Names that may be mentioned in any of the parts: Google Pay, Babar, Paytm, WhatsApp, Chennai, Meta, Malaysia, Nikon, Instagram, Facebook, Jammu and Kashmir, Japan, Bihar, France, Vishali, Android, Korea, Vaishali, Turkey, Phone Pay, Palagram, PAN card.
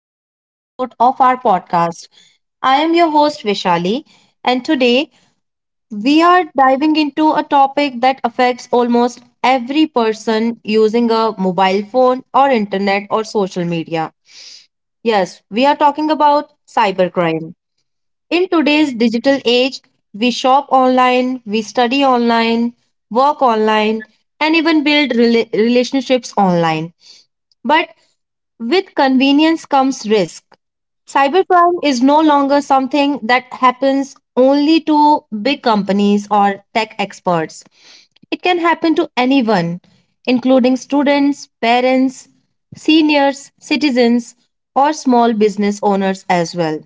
another episode of our podcast. I am your host, Vishali, and today we are diving into a topic that affects almost every person using a mobile phone or internet or social media. Yes, we are talking about cybercrime. In today's digital age, we shop online, we study online, work online, and even build relationships online. But with convenience comes risk. Cybercrime is no longer something that happens only to big companies or tech experts. It can happen to anyone, including students, parents, seniors, citizens, or small business owners as well.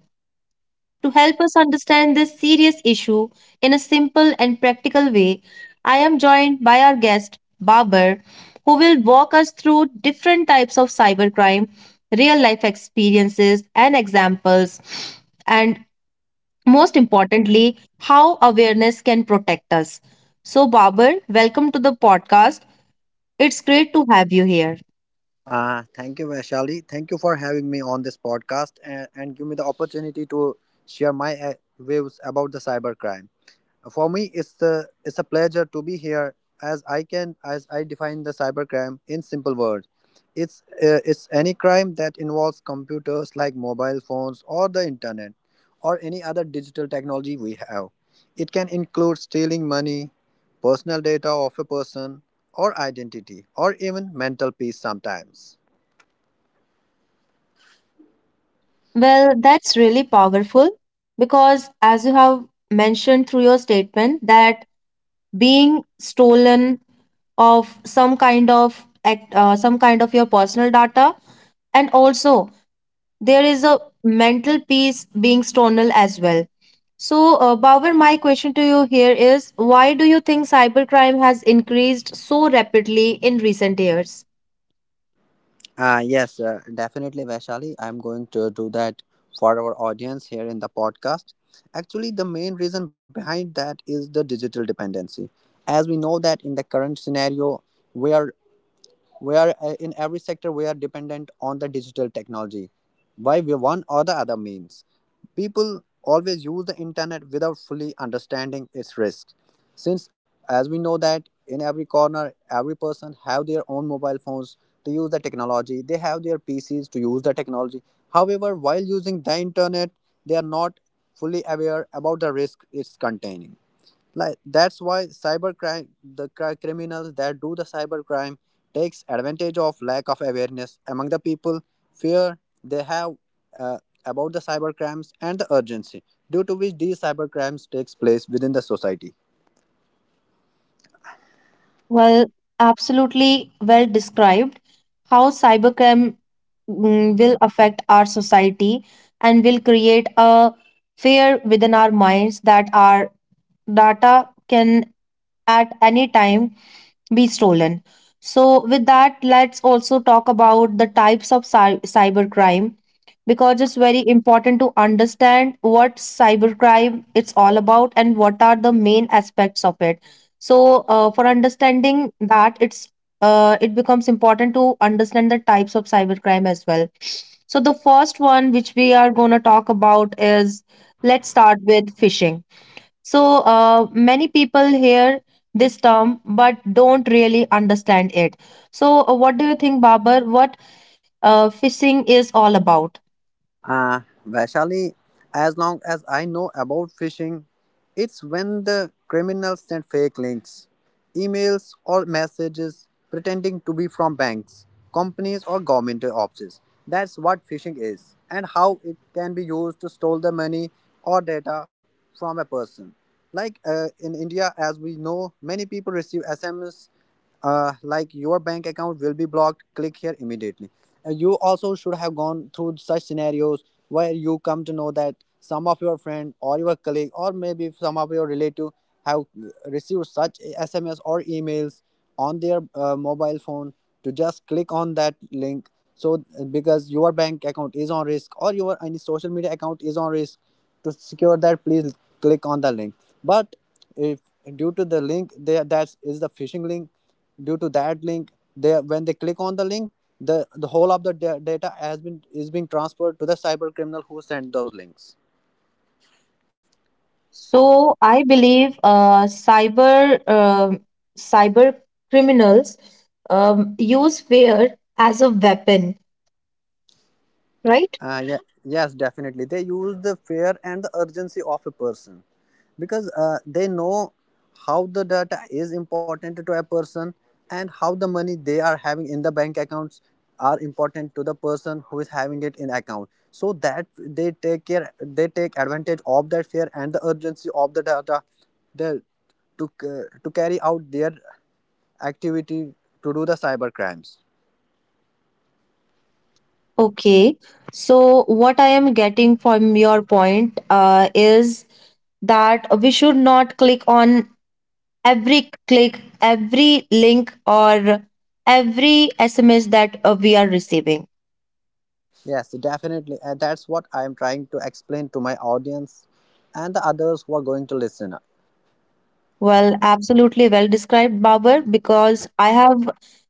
To help us understand this serious issue in a simple and practical way, I am joined by our guest, Babar, who will walk us through different types of cybercrime, real life experiences and examples, and most importantly, how awareness can protect us. So, Babar, welcome to the podcast. It's great to have you here. Thank you, Vaishali. Thank you for having me on this podcast and, give me the opportunity to share my views about the cybercrime. For me, it's a pleasure to be here as I can as I define the cybercrime in simple words. It's any crime that involves computers like mobile phones or the internet or any other digital technology we have. It can include stealing money, personal data of a person, or identity, or even mental peace sometimes. Well, that's really powerful because, as you have mentioned through your statement, that being stolen of some kind of act, some kind of your personal data, and also there is a mental peace being stolen as well. So, bauer, my question to you here is, why do you think cybercrime has increased so rapidly in recent years? Yes, definitely, Vaishali. I'm going to do that for our audience here in the podcast. Actually, the main reason behind that is the digital dependency. As we know that in the current scenario, where we are in every sector we are dependent on the digital technology by one or the other means, people always use the internet without fully understanding its risks, since as we know that in every corner every person have their own mobile phones to use the technology, they have their pcs to use the technology. However, while using the internet, they are not fully aware about the risk it's containing. Like, that's why cybercrime, the criminals that do the cybercrime takes advantage of lack of awareness among the people, fear they have uh, about the cybercrimes, and the urgency due to which these cybercrimes takes place within the society. Well, absolutely well described how cybercrime will affect our society and will create a fear within our minds that our data can at any time be stolen. So, with that, let's also talk about the types of cybercrime, because it's very important to understand what cybercrime it's all about and what are the main aspects of it. So, for understanding that, it becomes important to understand the types of cybercrime as well. So, the first one which we are going to talk about is, let's start with phishing. So many people hear this term but don't really understand it. So what do you think, Babar? What phishing is all about? Uh, Vaishali, as long as I know about phishing, it's when the criminals send fake links, emails, or messages pretending to be from banks, companies, or government offices. That's what phishing is, and how it can be used to steal the money or data from a person. Like, in India, as we know, many people receive SMS, like your bank account will be blocked, click here immediately. You also should have gone through such scenarios where you come to know that some of your friend or your colleague or maybe some of your relative have received such sms or emails on their mobile phone to just click on that link, so because your bank account is on risk, or your any social media account is on risk. To secure that, please click on the link. But if due to the link there, that is the phishing link, due to that link, they, when they click on the link, the whole of the data has been is being transferred to the cyber criminal who sent those links. So I believe cyber criminals use fear as a weapon, right? Uh, yeah, yes, definitely. They use the fear and the urgency of a person, because they know how the data is important to a person, and how the money they are having in the bank accounts are important to the person who is having it in account. So that they take advantage of that fear and the urgency of the data, they, to carry out their activity to do the cyber crimes. Okay. So what I am getting from your point is that we should not click on every click, every link, or every SMS that we are receiving. Yes, definitely. And that's what I am trying to explain to my audience and the others who are going to listen. Well, absolutely well described, Babar, because I have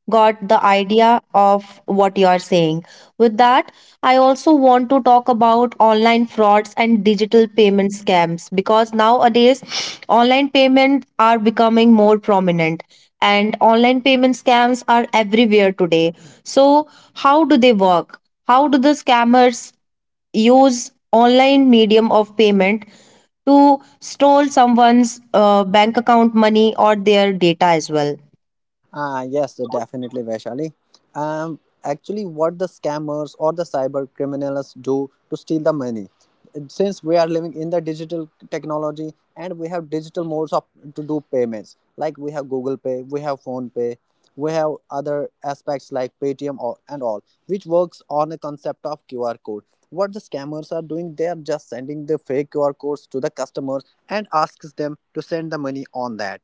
got the idea of what you are saying. With that, I also want to talk about online frauds and digital payment scams, because nowadays online payments are becoming more prominent and online payment scams are everywhere today. So, how do they work? How do the scammers use online medium of payment to stole someone's bank account money or their data as well. Ah yes, so definitely, Vaishali. Actually, what the scammers or the cyber criminals do to steal the money. Since we are living in the digital technology and we have digital modes of to do payments, like we have Google Pay, we have Phone Pay, we have other aspects like Paytm or, and all, which works on a concept of QR code. What the scammers are doing, they are just sending the fake QR codes to the customers and asks them to send the money on that.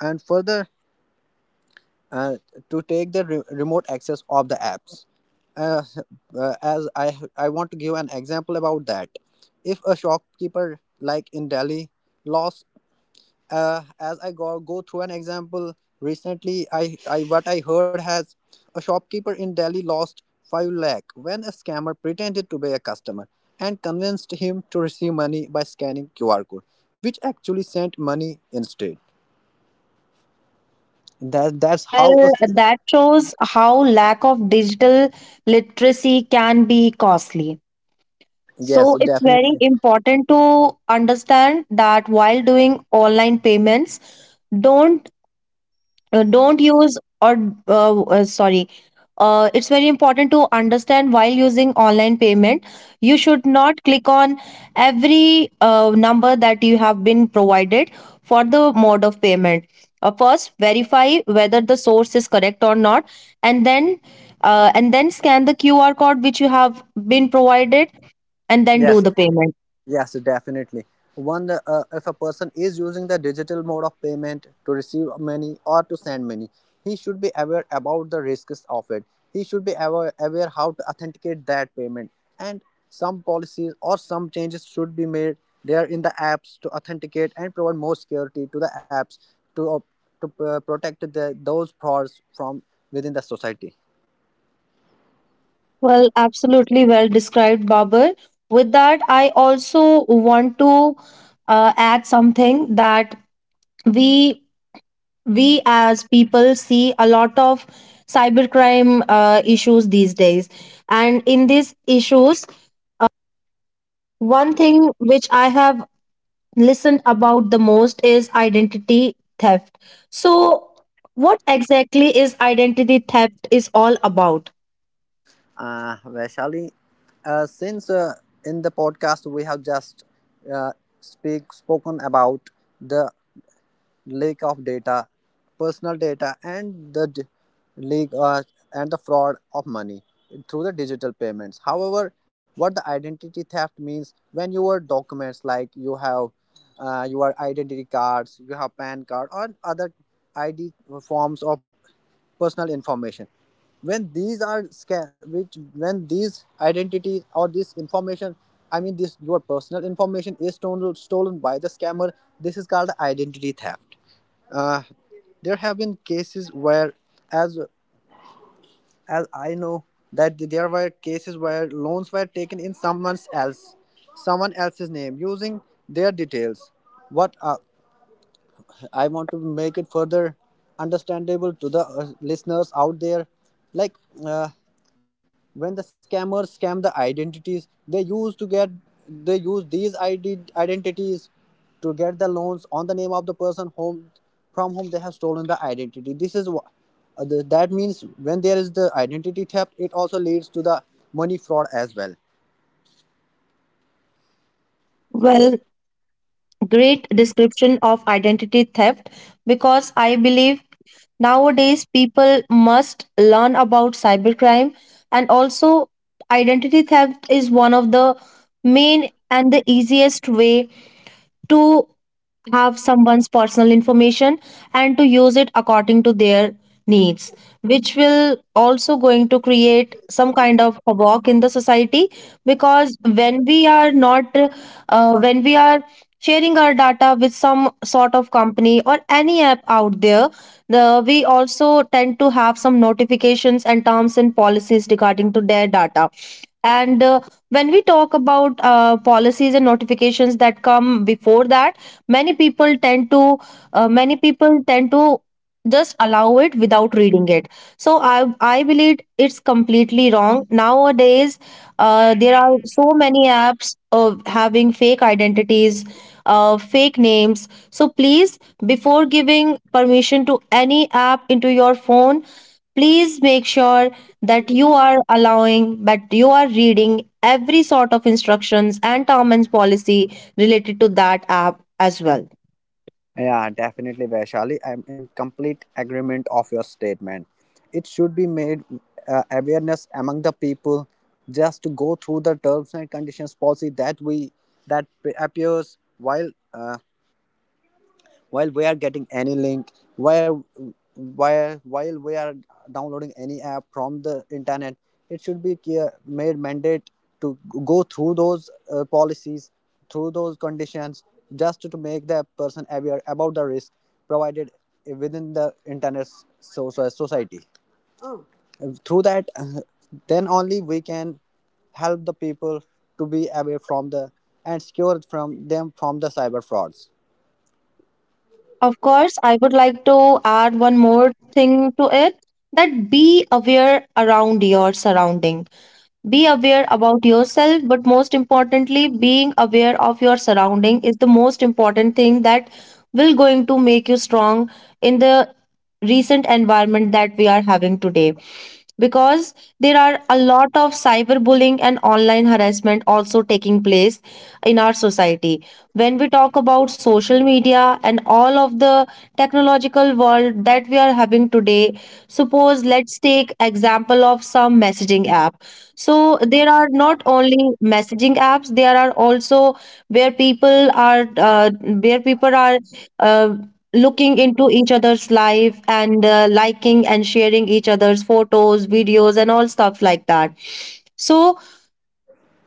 And further, uh, to take the remote access of the apps. Uh, as I want to give an example about that. If a shopkeeper like in Delhi lost, as I go through an example recently, I what I heard has, a shopkeeper in Delhi lost 5 lakh when a scammer pretended to be a customer and convinced him to receive money by scanning QR code, which actually sent money instead. That's how a— Well, that shows how lack of digital literacy can be costly. yes, So it's very definitely. important to understand that while doing online payments, don't don't use or sorry, it's very important to understand while using online payment you should not click on every number that you have been provided for the mode of payment. Uh, first verify whether the source is correct or not, and then and then scan the QR code which you have been provided, and then do Yes. the payment. Yes, definitely. One, if a person is using the digital mode of payment to receive money or to send money, he should be aware about the risks of it. He should be aware how to authenticate that payment. And some policies or some changes should be made there in the apps to authenticate and provide more security to the apps to, protect those frauds from within the society. Well, absolutely well described, Babar. With that, I also want to add something, that we we as people see a lot of cybercrime issues these days, and in these issues, one thing which I have listened about the most is identity theft. So, what exactly is identity theft is all about? Vaishali. Since in the podcast we have just uh, speak spoken about the leak of data, personal data, and the d- leak and the fraud of money through the digital payments. However, what the identity theft means, when your documents, like you have your identity cards, you have PAN card, or other ID forms of personal information, when these are sca- which when these identities or this information, this your personal information is stolen by the scammer, this is called identity theft. uh, there have been cases where, as as I know, that there were cases where loans were taken in someone else's name using their details. What I want to make it further understandable to the listeners out there, like uh, when the scammers scam the identities, they use these identities to get the loans on the name of the person whom from whom they have stolen the identity. This is what, that means, when there is the identity theft, it also leads to the money fraud as well. Well. Great description of identity theft, because I believe nowadays people must learn about cybercrime, and also identity theft is one of the main and the easiest way to have someone's personal information and to use it according to their needs, which will also going to create some kind of a walk in the society. Because when we are not when we are sharing our data with some sort of company or any app out there, the, we also tend to have some notifications and terms and policies regarding to their data. And when we talk about policies and notifications that come before that, many people tend to uh, many people tend to just allow it without reading it. So I believe it's completely wrong nowadays. Uh, there are so many apps of having fake identities, fake names, so please, before giving permission to any app into your phone, please make sure that you are allowing, that you are reading every sort of instructions and term and policy related to that app as well. Yeah, definitely, Vaishali. I'm in complete agreement of your statement. It should be made awareness among the people, just to go through the terms and conditions policy that we that appears while we are getting any link, while we are downloading any app from the internet. It should be made mandate to go through those policies, through those conditions, just to make the person aware about the risk provided within the internet, so, so society, through that then only we can help the people to be away from the and secure from them from the cyber frauds. Of course, I would like to add one more thing to it, that be aware around your surrounding. Be aware about yourself, but most importantly, being aware of your surrounding is the most important thing that will going to make you strong in the recent environment that we are having today. Because there are a lot of cyberbullying and online harassment also taking place in our society. When we talk about social media and all of the technological world that we are having today, suppose let's take example of some messaging app. So there are not only messaging apps, there are also where people are uh, looking into each other's life and liking and sharing each other's photos, videos and all stuff like that. So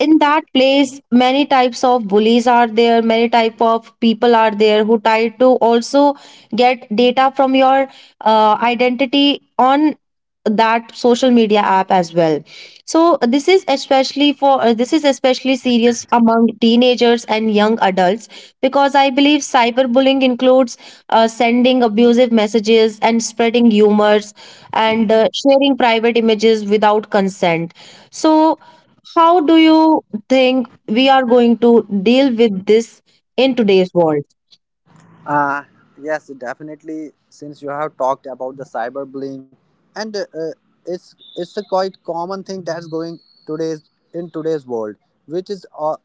in that place many types of bullies are there, many type of people are there who try to also get data from your identity on that social media app as well. So this is especially serious among teenagers and young adults, because I believe cyberbullying includes sending abusive messages and spreading humors and sharing private images without consent. So how do you think we are going to deal with this in today's world? Uh, yes, definitely. Since you have talked about the cyberbullying, and it's a quite common thing that's going today's in today's world, which is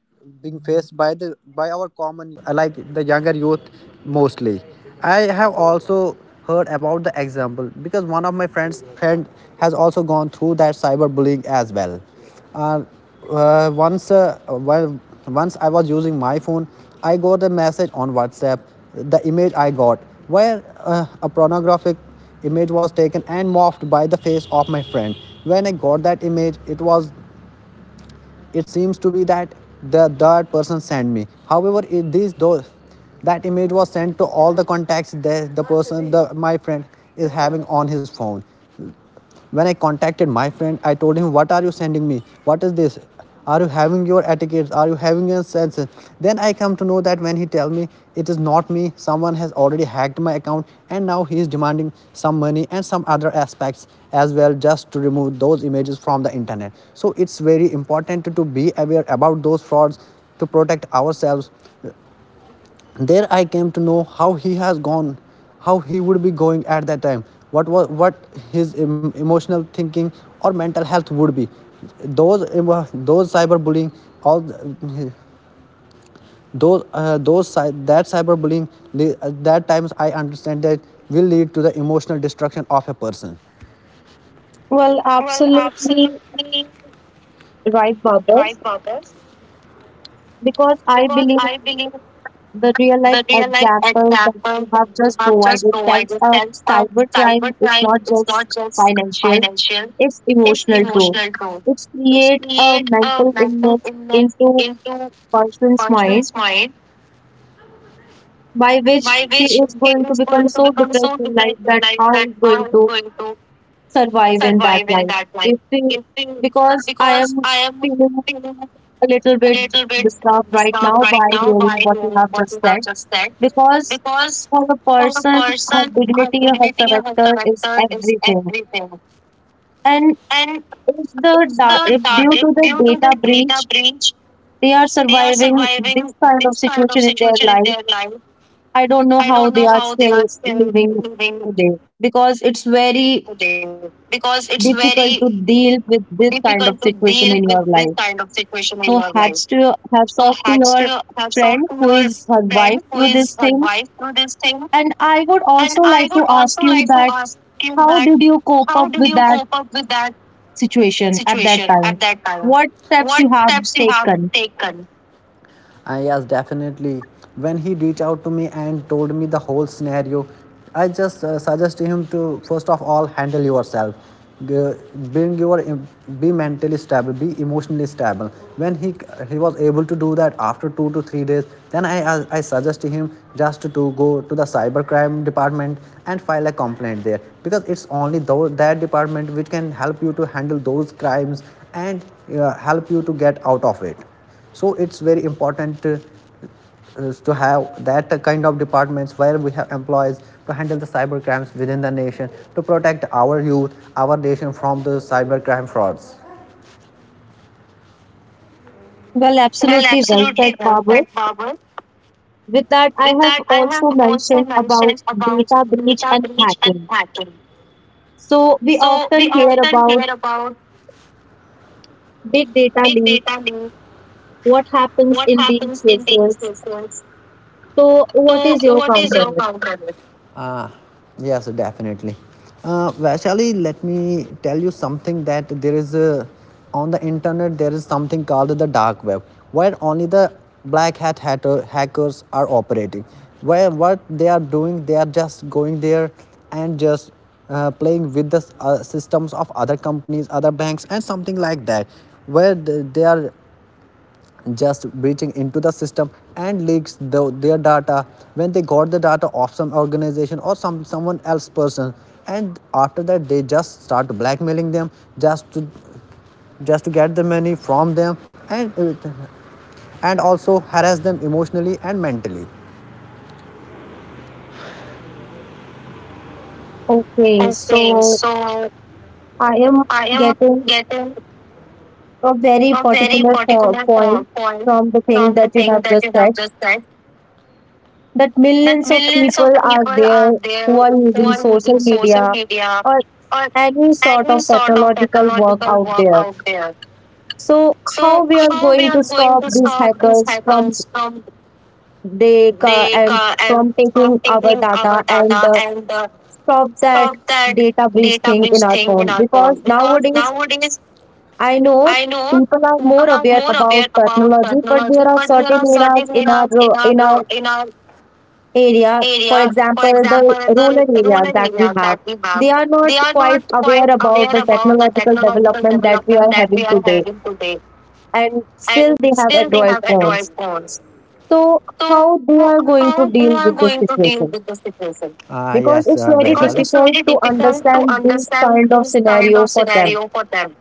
being faced by the by our common like the younger youth mostly. I have also heard about the example, because one of my friend has also gone through that cyberbullying as well. uh, uh, once uh, while, Once I was using my phone, I got a message on whatsapp. The image I got, where a pornographic image was taken and morphed by the face of my friend. When I got that image, it was, it seems to be that the that person sent me, however these those, that image was sent to all the contacts that the my friend is having on his phone. When I contacted my friend, I told him, what are you sending me? What is this? Are you having your etiquettes? Are you having your senses? Then I come to know, that when he tell me, it is not me, someone has already hacked my account and now he is demanding some money and some other aspects as well, just to remove those images from the internet. So it's very important to be aware about those frauds to protect ourselves. There I came to know how he has gone, how he would be going at that time, what his emotional thinking or mental health would be. Those emo- those cyberbullying all those that cyberbullying, that times I understand that will lead to the emotional destruction of a person. Well, Well, absolutely absolutely right, right, Babas, Marcus. because I Because believe I believe the real life the real life example that example you that have you just have just provided tells provided us tells us cybercrime is not cybercrime is just not just financial, financial, it's it's emotional too. emotional too. It's It's create a create a mental mental illness illness into into person's mind, person's mind, by which by he which is he going to is become going to so become depressed so in life depressed that in life how that he's going how he's to going to survive in that survive in life. that If life. we, If he, because I am because I am feeling feeling a little a bit little bit disturbed right disturbed now right by now by hearing what you hearing have what you just said, have just said, because because for a for a person, her person, her dignity, her dignity of her character is character is everything. everything. And And if the it's da- if due the to the due to the data breach, data breach, they are they are surviving this surviving kind of this kind situation of in their situation in life. their life. I don't know I how don't they know are how they still are still living living today, today, because it's because very it's very difficult to difficult deal to with this deal with kind of this kind situation of in your situation in life. your life. So So hats off to hats your off to your friend who friend is who is survived her through this wife thing. through this thing. And I would And I also would like to also ask like to you ask that you that, how did you how cope did up you with cope that up with that situation at that situation time? at that time? What steps What you have steps you have taken? taken? Yes, definitely. When he reached out to me and told me the whole scenario, I just suggest him to first of all handle yourself. G- bring your em- be mentally stable, be emotionally stable. When he was able to do that after 2 to 3 days, then I suggest him just to go to the cybercrime department and file a complaint there because it's only that department which can help you to handle those crimes and help you to get out of it. So it's very important, is to have that kind of departments where we have employees to handle the cyber crimes within the nation, to protect our youth, our nation, from the cyber crime frauds. Well, Well, absolutely well said, absolutely well Babu. said, Babar. With that, I With have that, I have also also mentioned about mentioned about data breach data and breach and hacking. hacking. So we So often we hear often hear about about big data big leak. data leak, What happens what in these happens in these cases? cases, So, what so, is your what is counter? your counter on this? Ah, yes, definitely. Vaishali, let me tell you something, that on the internet there is something called the dark web, where only the black hat hackers are operating. Where what they are doing, they are just going there and just playing with the systems of other companies, other banks, and something like that, where they are just breaching into the system and leaks their data. When they got the data of some organization or someone else person, and after that they just start blackmailing them, just to just to get the money from them, and and also harass them emotionally and mentally. Okay, Okay, so so I am I am getting getting a very a very particular particular point point from the thing from that the you have thing that just you said, have just said, that that millions of millions of people are people there are who there are who using are social using social media media or or any sort any of sort of technological work technological out work there. out there. So how So we are how going we to are stop going to these stop these hackers from hackers from, they ca- and from and taking from our taking data our and data and stop that stop that data breach data thing in breach our thing phone? in our Because phone? Because nowadays nowadays I know I know people are more people are aware more about aware about technology, but there technology, are but certain there are areas certain in our areas in our, in our area, for area, example, for the example, in rural the areas rural that we areas have, that we they have, are not they are quite not aware quite about the aware about the technological technological development that we are development that having we are today, having today, and still and they have still they Android have phones. Android phones. So how So, they are how going they to are deal going with to this deal with this situation? situation? Yes, Because it's very because it's very difficult to difficult to understand this understand kind of this kind scenario of for them. scenario for them.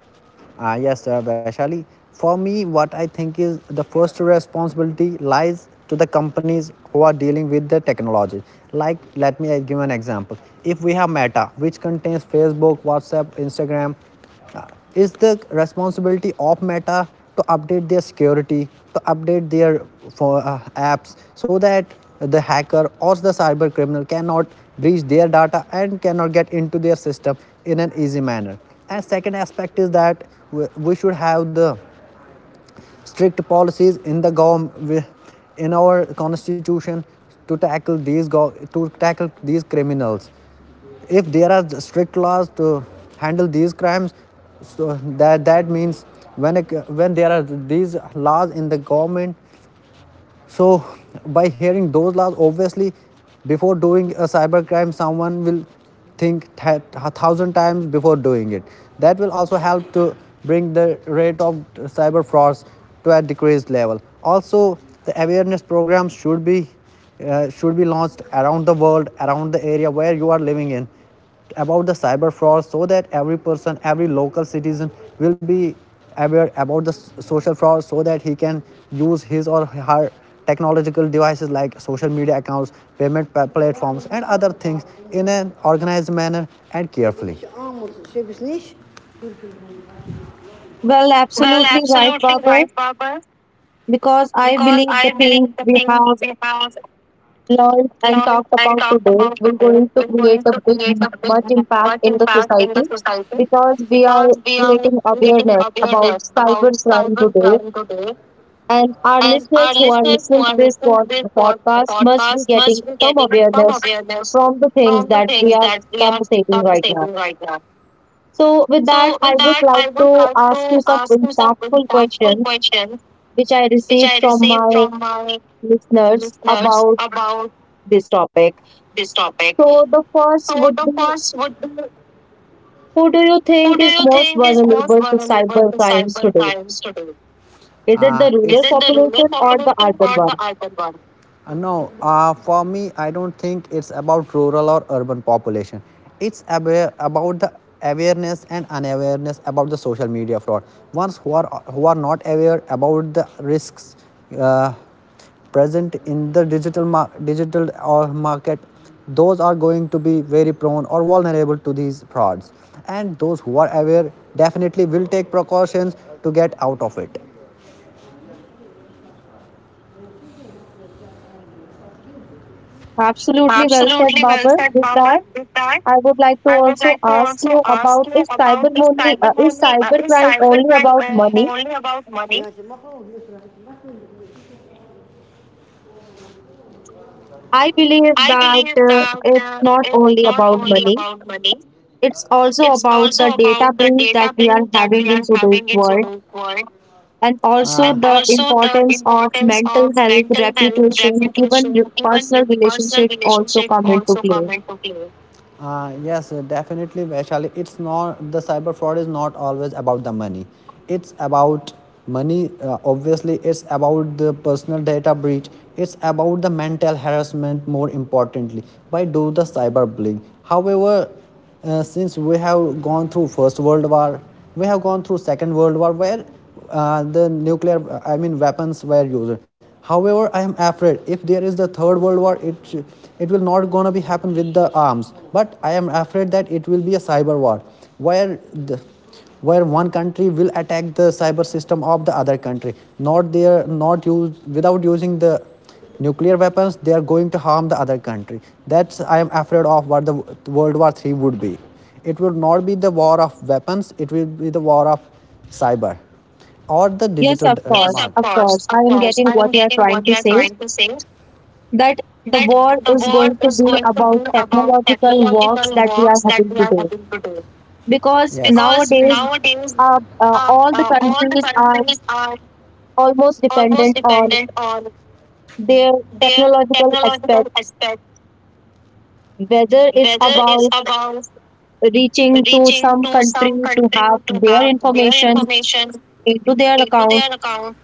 Yes, Vaishali. For me, what I think is, the first responsibility lies to the companies who are dealing with the technology. Like, let me give an example. If we have Meta, which contains Facebook, WhatsApp, Instagram, uh, is the responsibility of Meta to update their security, to update their, apps, so that the hacker or the cyber criminal cannot breach their data and cannot get into their system in an easy manner. And second aspect is that, we- should have the strict policies in the government, in our constitution, to tackle to tackle these criminals. If there are strict laws to handle these crimes, so that that means, when when there are these laws in the government, so, by hearing those laws, obviously, before doing a cyber crime, someone will think a thousand times before doing it. That will also help to bring the rate of cyber frauds to a decreased level. Also, the awareness programs should be launched around the world, around the area where you are living in, about the cyber fraud, so that every person, every local citizen will be aware about the social fraud, so that he can use his or her technological devices, like social media accounts, payment platforms, and other things, in an organized manner and carefully. Well, Well, absolutely right, absolutely Baba, right, Baba. because I Because believe the I things believe the we thing have we have learned and learned talked and about talked today about will today going to will create going a to big create a big, much impact much in the impact in the society, society, because we are because we are creating creating awareness about awareness about cybercrime today, cybercrime today, and our and listeners our who are listeners who listening to are this listening to this podcast must be podcast getting must be some getting some awareness awareness from the things from the that we things are that we are conversating right now. conversating right now. So with that So I with would that, like I would to like ask you to some ask you some impactful impactful questions questions which I which received I from my received from my listeners listeners about about this topic. this topic. So the So first the would be, first would be, who do you who do think is you most think is most vulnerable to vulnerable cyber to crimes cyber today? crimes today? Is it the Is rural it the rural population or the population urban or the one? urban one? No. For me, I don't think it's about rural or urban population. It's aware, about the awareness and unawareness about the social media fraud. Ones who are, who are not aware about the risks, uh, present in the digital or market, those are going to be very prone or vulnerable to these frauds. And those who are aware definitely will take precautions to get out of it. Absolutely well said, Absolutely well Babar. said, With that, Babar. With that, I would like to I would also like to ask also you ask about, you is about, is is cybercrime only cybercrime about money? only about money? I believe I that believe that, it's not it's only not about only money. about money. It's also It's about the also data about the breach that data we are breach that having we in are today's having in world, today's world. and also And the also the importance of importance mental of health, mental health, reputation, even reputation, even personal personal relationship also relationship come into also play. come into play. Yes, definitely, Vaishali. It's not The cyber fraud is not always about the money. It's about money. Obviously, it's about the personal data breach. It's about the mental harassment. More importantly, by do the cyberbullying. However, since we have gone through First World War, we have gone through Second World War, where the nuclear, I mean, weapons were used. However, I am afraid if there is the Third World War, it will not gonna be happen with the arms, but I am afraid that it will be a cyber war, where the where one country will attack the cyber system of the other country, not they are not use without using the nuclear weapons. They are going to harm the other country. That's, I am afraid of, what the world war 3 would be. It will not be the war of weapons. It will be the war of cyber or the Yes, digital. of Yes, course, of of course, course. I of am course. getting I what am you are getting trying what you to are say, trying to say, that the that war the is war going to is be going to about be about technological wars technological that we are wars that having we to are do. having to do. Because Yes. Because nowadays nowadays all the all the countries are countries are almost almost dependent on dependent on their their technological technological aspect, aspect, whether it's whether it's about about reaching to reaching some to country some to country have to their have their information information into their into account their account,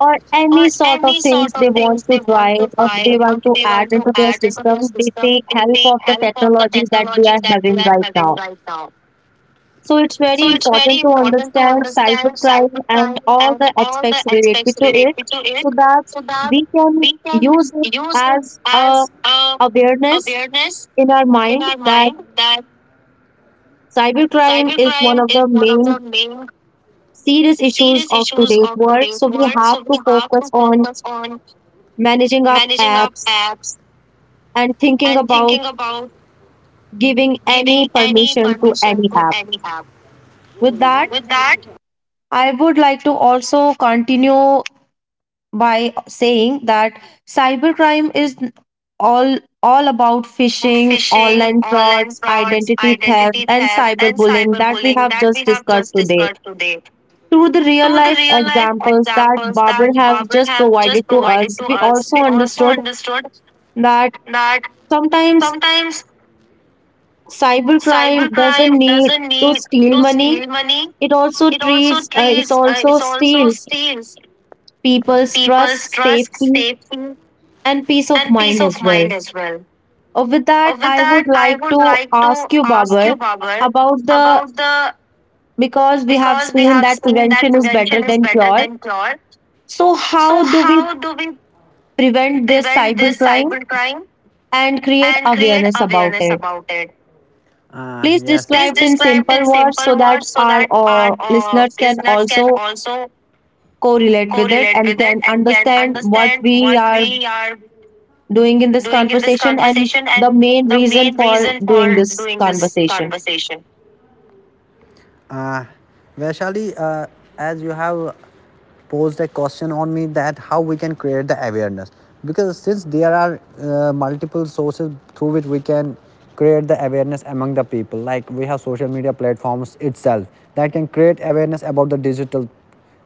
or or any sort of any things sort they of want things to they try want to or try they want or to they add want to into their add into their system, they take system, they help take of the help of the technology that we are technologies that we having are right having now. right now. So it's very So it's very important to important to understand understand cybercrime and cybercrime all and the all the aspects related aspects to it, related to it, so that so that we can we can use it use it as a as a awareness awareness in our in mind our that mind, that cybercrime is one cybercrime of is the one of main the main serious issues serious of issues today's of world. today's So we world. have So to we have to focus on focus on managing our managing our apps, apps and thinking and about thinking about giving giving any any permission to permission any to app. any app. With that, With that, I would like to also continue by saying that cybercrime is all all about about phishing, phishing, online online frauds, frauds, identity theft, identity and theft, and cyberbullying that we cyberbullying have that we just have discussed just today. discussed today, Through the real to the life real life examples that examples Babar that have Barbara just has provided just to us, provided to we us, also we also understood understood that that sometimes sometimes cybercrime doesn't cybercrime need doesn't to need steal to money. steal money. It also It also treats, uh, it treats, uh, also it also steals steals people's trust, people's trust, safety, safety, and peace of and peace mind of as well. mind as well. With that, With I would that, I like would to like to ask you, ask Babar, you, Babar, about the, about the because we have because we seen have that seen that prevention is better prevention is than better cure. than cure. So, how So, do we how do we prevent this prevent this cybercrime cybercrime and create and create awareness about awareness it? about it? Please Yes. Please describe it in describe in simple words simple so that words so our that our, listeners can listeners can also also correlate with it correlate and with it can and can understand what understand we what are we are doing in this doing in this conversation and conversation the and main the reason main for reason doing for this doing this conversation. conversation. Uh, Vaishali, as you have posed a question on me, that how we can create the awareness, because since there are, multiple sources through which we can create the awareness among the people, like we have social media platforms itself that can create awareness about the digital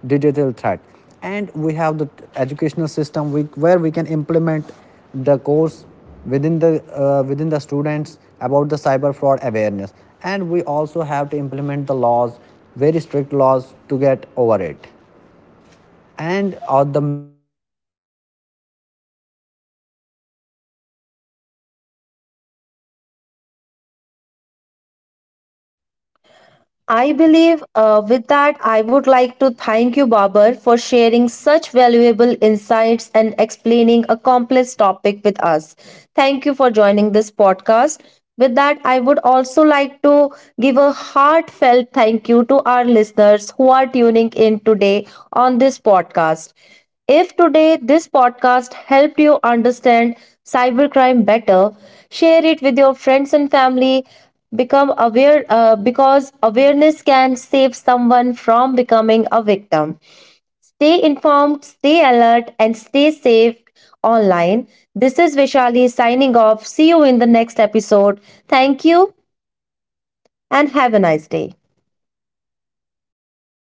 digital threat, and we have the educational system, where we can implement the course within the, within the students, about the cyber fraud awareness, and we also have to implement the laws, very strict laws, to get over it. And the main and the important thing is, just what I want to say is, that the companies who are handling these sort of technology I should, I believe believe, should believe. with that, With I would that, I like to would like thank to you, thank Babar, you, for Babar, sharing for such sharing such valuable valuable insights and insights. explaining a complex topic with us. Thank you for joining this podcast. With that, I would also like to give a heartfelt thank you to our listeners who are tuning in today on this podcast. If today this podcast helped you understand cybercrime better, share it with your friends and family. Become aware, because awareness can save someone from becoming a victim. Stay informed, stay alert, and stay safe online. This is Vishali signing off. See you in the next episode. Thank you and have a nice day.